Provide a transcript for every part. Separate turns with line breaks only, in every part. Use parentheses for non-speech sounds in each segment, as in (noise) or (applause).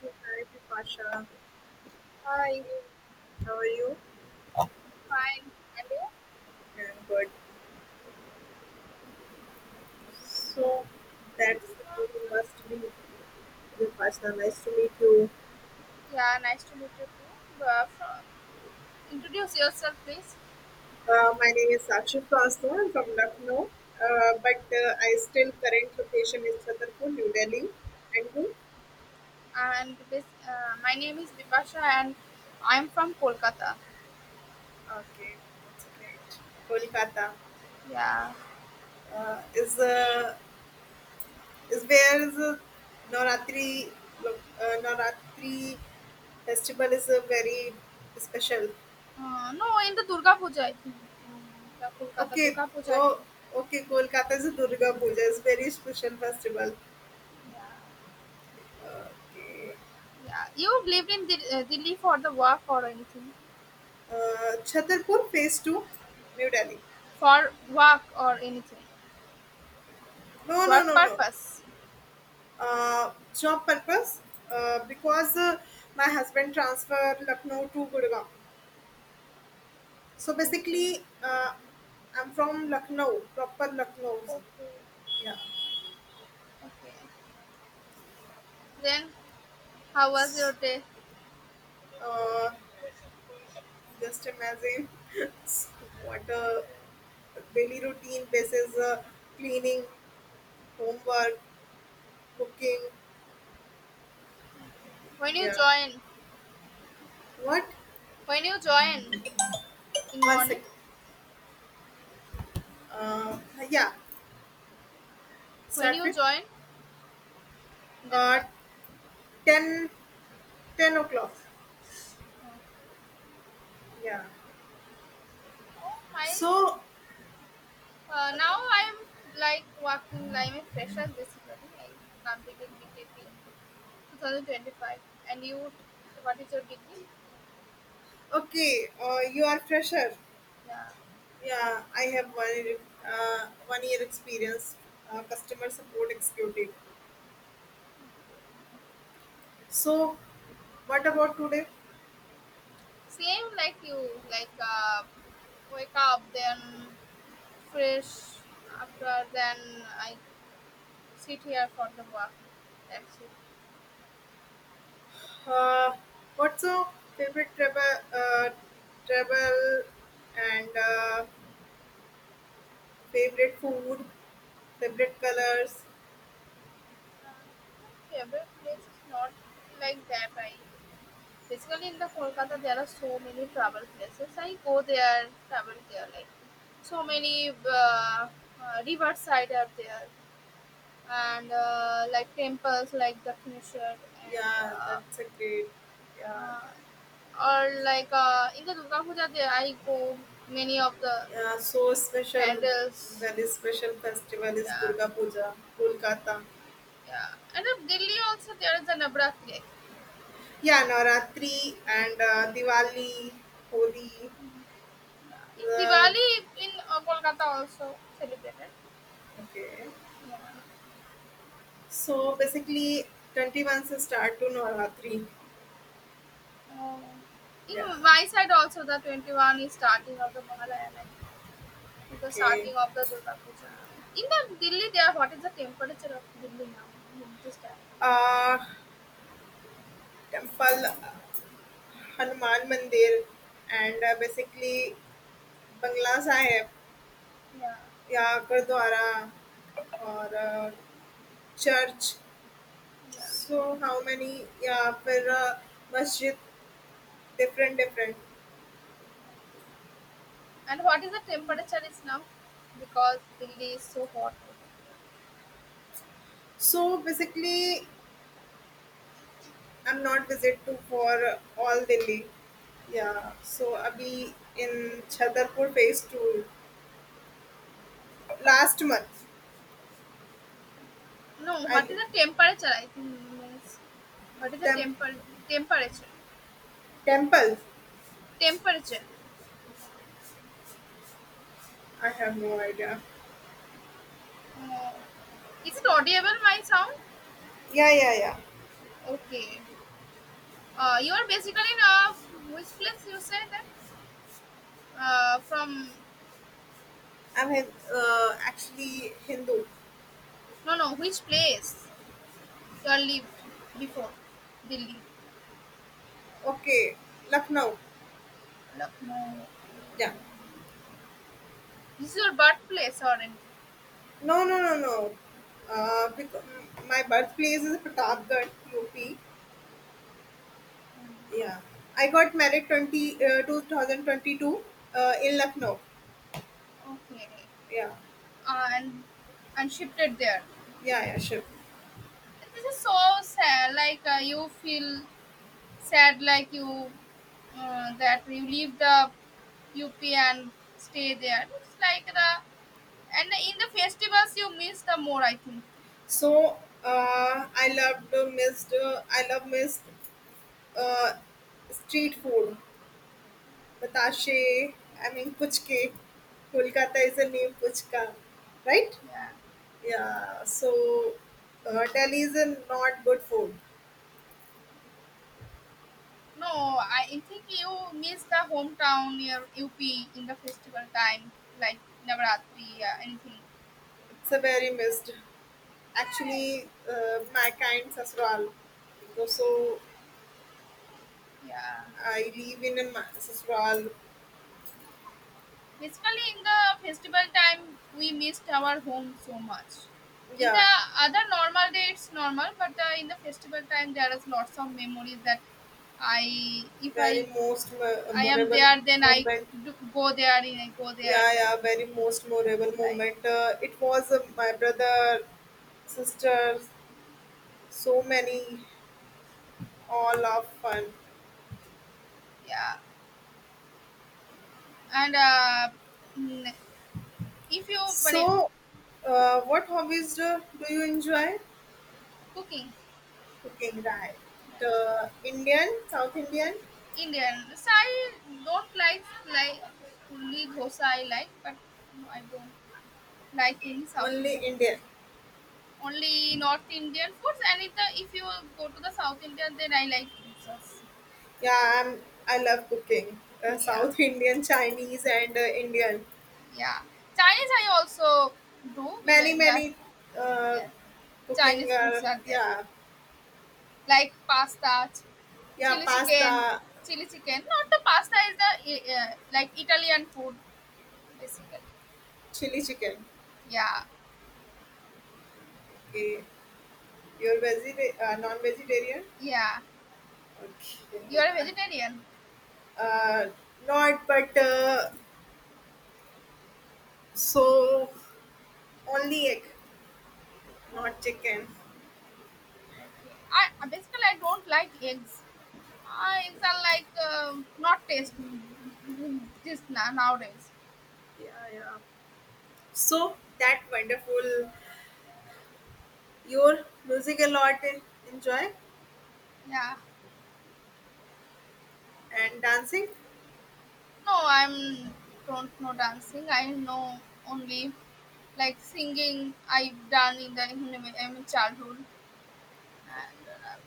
So hi Pasha,
Hi,
how are you?
fine, and you?
I'm good. So that's You must be the Pasha. Nice to meet you.
Yeah, nice to meet you too. Introduce yourself, please.
My name is Sakshi Pasha. I'm from Lucknow, but I still current location is Chhatarpur, New Delhi. And you?
And this, my name is Vipasha, and I'm from Kolkata.
Okay, that's great. Kolkata
Yeah.
uh, is uh, is where is Navratri Navratri festival is a very special.
No, in the Durga Puja, I think. In the Kolkata
Okay.
Durga Puja.
Oh, okay. Kolkata's Durga Puja is very special festival.
Yeah.
Okay.
Yeah. You lived in Delhi for the work or anything?
Chhatarpur Phase 2, New Delhi.
For work or anything?
No, no,
Work
no, no.
purpose.
Job purpose. Because my husband transferred Lucknow to Gurgaon. So
Okay.
basically, I'm from Lucknow, proper Lucknow.
Okay.
Yeah.
Okay. Then, how was your day?
Uh, just imagine (laughs) what a
Okay.
daily routine basis, cleaning, homework, cooking,
When you
yeah.
joined?
What?
When you join in
One
morning,
second. Uh, yeah.
When
Start
you
with
join the
uh,
class?
10 10 o'clock. Yeah.
Oh my!
So,
Now I'm like working like a fresher basically. I completed BTEC in 2025, and you, what is your degree?
okay, you are fresher.
Yeah,
Yeah, I have one year experience, customer support executive. So, what about today?
same like you, like wake up then fresh. After then I sit here for the work. That's it.
Uh, what's your favorite travel, uh, travel and favorite food, favorite colors?
Um, my favorite place is not like that. I Basically, in the Kolkata, there are so many travel places. I go there, travel there. Like so
Yeah.
many riverside are there, and like temples like Dakshineshwar and
Yeah, that's a great. Yeah,
uh, or like in the Durga Puja, there I go many of the
yeah. So special.
candles.
Very special festival is
Yeah,
Durga Puja, Kolkata.
yeah. And in Delhi also there is a Navratri, I think.
Yeah, Navratri and Diwali, Holi.
Yeah. In
The
Diwali in Kolkata also celebrated.
Okay.
Yeah.
So basically, 21 se start to Navratri.
Uh,
Yeah.
In my side also the 21 is starting of the Mahalaya, like is the
Okay.
starting of the Durga Puja. In the Delhi there what is the temperature of Delhi now? In this time.
Uh, temple, Hanuman Mandir, and basically Bangla Sahib,
Yeah.
yeah, Gurdwara, और church.
Yeah.
So how many? Yeah, for masjid, different, different.
And what is the temperature is now? Because Delhi is so hot.
So basically, I'm not visit to for all Delhi. Yeah. So abhi in Chhatarpur phase two last month.
No,
I
what is the temperature, I think, means what is the
tem-
temperature?
temple.
Temperature.
I have no idea.
Uh, is it audible my sound?
Yeah, yeah, yeah.
Okay. You are basically in which place you say that? From
I'm actually Hindu.
no, which place you have lived before Delhi?
Okay, Lucknow.
Lucknow,
Yeah.
this is your birthplace or anything?
No, no, no, no. Because my birthplace is Pratapgarh, UP. Yeah, I got married twenty 2022 in Lucknow.
Okay.
Yeah,
Uh, and and shifted there.
yeah, yeah, sure.
This is so sad, like you feel sad, like you that you leave the UP and stay there, it's like the and in the festivals you miss the more, I think.
So I love missed uh, street food, batashe. I mean puchke. Kolkata is the name puchka, right?
Yeah.
Yeah. So Delhi is a not good food.
No, I think you miss the hometown near UP in the festival time, like Navaratri, yeah, anything.
It's a very missed. Actually, my kind sasural. So
Yeah.
I live in a sasural.
Basically, in the festival time, we missed our home so much. In
Yeah,
the other normal day, it's normal, but in the festival time, there is lots of memories that I, if
very
I,
most
I am
memorable
there, then I
moment.
do, go there, and I go there,
Yeah,
then
yeah, very most memorable
that's like,
moment. It was my brother, sisters, so many, all of fun.
yeah. And mm, if you, but
So, what hobbies do you enjoy?
cooking.
Cooking, right?
Yeah.
Indian, South Indian,
Indian. So I don't like only dosa I like, but no, I don't like any South Indian
only
foods.
Indian.
Only North Indian foods, and if you go to the South Indian, then I like dosas.
Yeah, I'm. I love cooking. Uh,
Yeah,
South Indian, Chinese, and Indian.
yeah. Chinese I also do. We
Many
that
many uh,
yeah.
cooking.
Chinese foods
Uh,
are there,
yeah,
like pasta,
yeah.
chili chicken,
Pasta,
chili chicken. Not the pasta is the like Italian food basically.
chili chicken.
Yeah,
Okay, you're non-vegetarian.
yeah. You are a
Okay,
vegetarian.
uh, not but so only egg, not
Okay,
chicken.
okay. Basically, I don't like eggs. Eggs are like not tasty just nowadays.
Yeah, yeah. So that wonderful. Your music a lot. Enjoy
Yeah.
and dancing.
No, I'm don't know dancing. I know only like singing. I've done in childhood and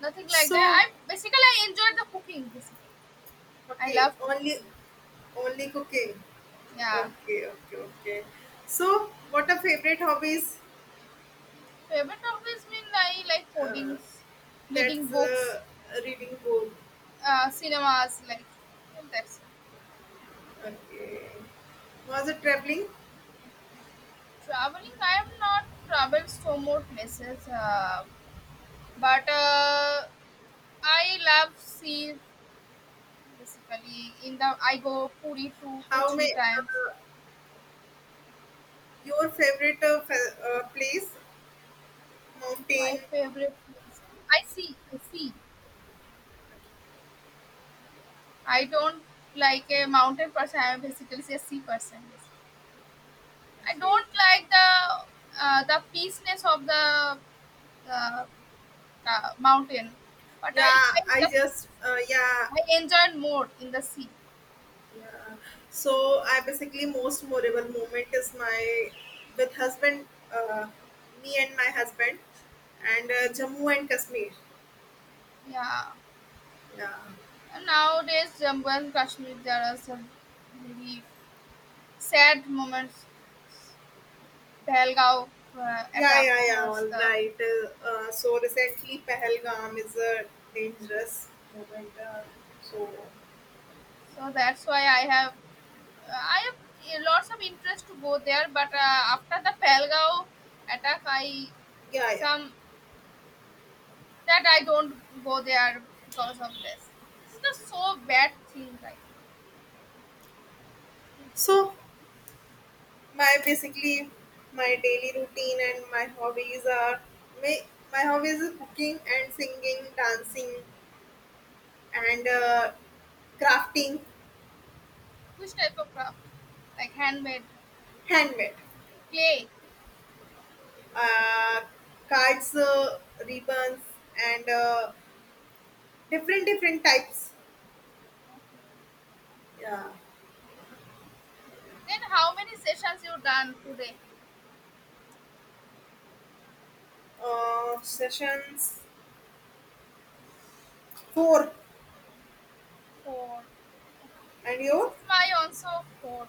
nothing like that.
So
I enjoy the cooking. Basically, I
okay,
love cooking.
only cooking.
Yeah.
Okay, okay, okay. So, what are favorite hobbies?
Favorite hobbies mean I like
Uh,
codings, reading
that's
books,
reading book.
cinemas, like and that's it.
Okay. Was it traveling?
Traveling, I have not traveled so more places, but I love sea. Basically, in the I go Puri two to
How
three
may
times.
your favorite place?
My
Mountain.
favorite place. I see sea. I don't like a mountain person. I'm basically a sea person. I
Okay.
don't like the peaceness of the uh, mountain, but
Yeah, I just yeah
I enjoy more in the sea.
yeah. So I basically most memorable moment is my with husband, uh, me and my husband, and Jammu and Kashmir.
Yeah.
Yeah,
Nowadays, Jammu and Kashmir, there are some very sad moments. Pahalgaon
yeah,
attack
yeah, yeah. All
was the,
right. So recently, Pahalgam is a dangerous moment. So
so that's why I have lots of interest to go there. But after the Pahalgaon attack, I
yeah, yeah.
some that I don't go there because of this. This is the so bad thing, right?
So my basically my daily routine and my hobbies are my my hobbies is cooking and singing, dancing and crafting,
Which type of craft? Like handmade
handmade,
clay.
uh, cards, ribbons, and different different types.
Okay.
Yeah.
Okay. Then how many sessions you done today?
Sessions
Yeah,
four.
four.
And
This
your
is my also for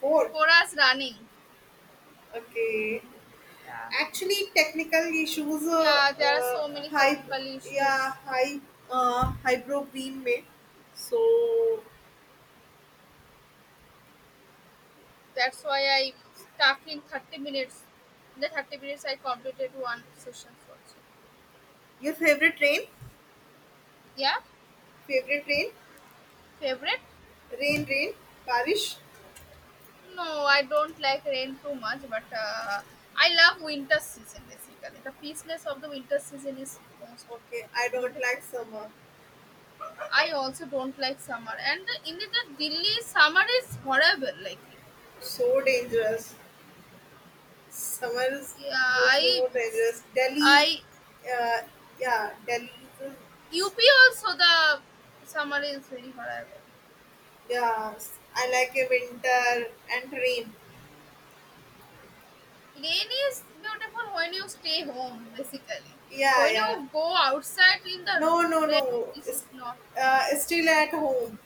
fourth,
for us running.
okay.
Yeah.
Actually, technical issues. Uh,
Yeah, there are so
uh,
many
high,
technical
yeah,
issues.
highbrow beam में. So,
That's why I stuck in 30 minutes. In the 30 minutes, I completed one session also.
your favorite rain?
Yeah,
Favorite rain?
favorite?
Rain, rain, बारिश.
No, I don't like rain too much, but I love winter season basically. The peaceness of the winter season is most
Okay, I don't
beautiful.
like summer.
I also don't like summer, and in the Delhi summer is horrible. Like,
So dangerous. Summer is
yeah,
just so dangerous. Delhi,
I,
uh, yeah, Delhi. is-
UP also the summer is very horrible.
Yeah, I like a winter and rain.
Rain is beautiful when you stay home, basically.
Yeah,
When
yeah.
you go outside in the
No, no,
rain,
no.
this is
It's
not.
still at home.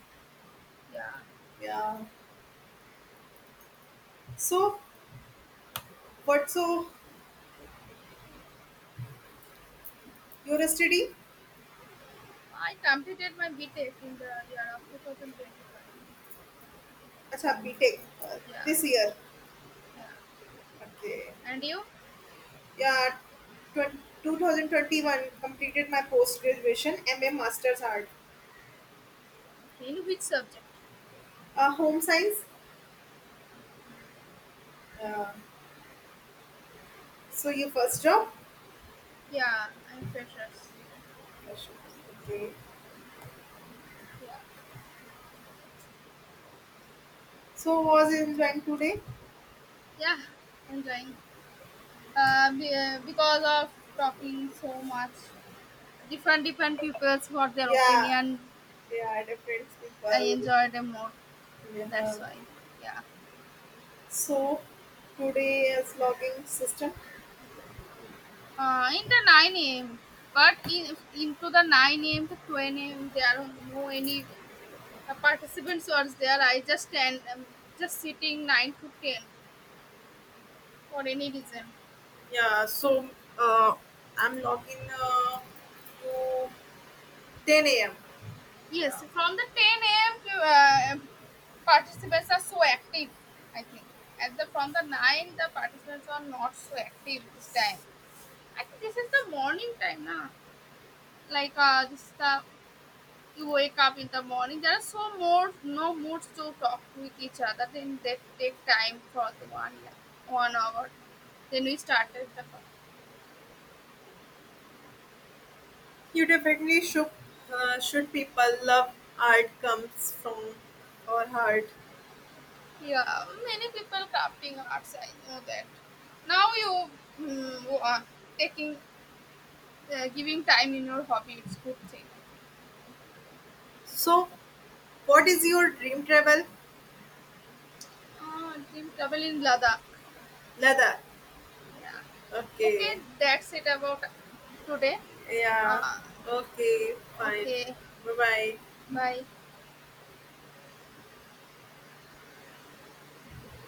Yeah,
Yeah. So, what? So, you're studying?
I completed my BTEC in the year of 2025.
Acha, B.Tech
Yeah,
this year.
yeah.
Okay.
And you?
Yeah. 20, 2021 completed my post graduation MA Masters Art.
Okay, in which subject?
Home science. Uh, so your first job.
Yeah, I'm freshers.
Yes, okay.
Yeah,
So was enjoying today?
yeah, enjoying. Because of talking so much. Different different people's what their
Yeah.
opinion,
Yeah. Different
I
people.
enjoyed them more,
Yeah.
that's why, yeah.
So today is logging system.
In the 9 a.m but in into the 9 a.m to 10 a.m there are no any participants was there. I just stand, just sitting 9 to 10 for any reason.
Yeah, so uh, I'm logging to 10 a.m. Yeah,
Yes, from the 10 a.m to participants are so active, I think. At the From the 9, the participants are not so active this time, I think. This is the morning time now. Like this you wake up in the morning, there are so more no moods to talk with each other, then they take time for the one, yeah, 1 hour, then we started the craft.
you definitely should. Should people love art comes from our heart.
Yeah, many people crafting arts, I know that. Now you are taking giving time in your hobby, it's good thing, I think.
So, what is your dream travel?
Ah, dream travel in Ladakh.
Ladakh.
Yeah. Okay,
Okay.
that's it about today.
Yeah.
Uh,
Okay. Fine.
okay,
Bye bye.
bye.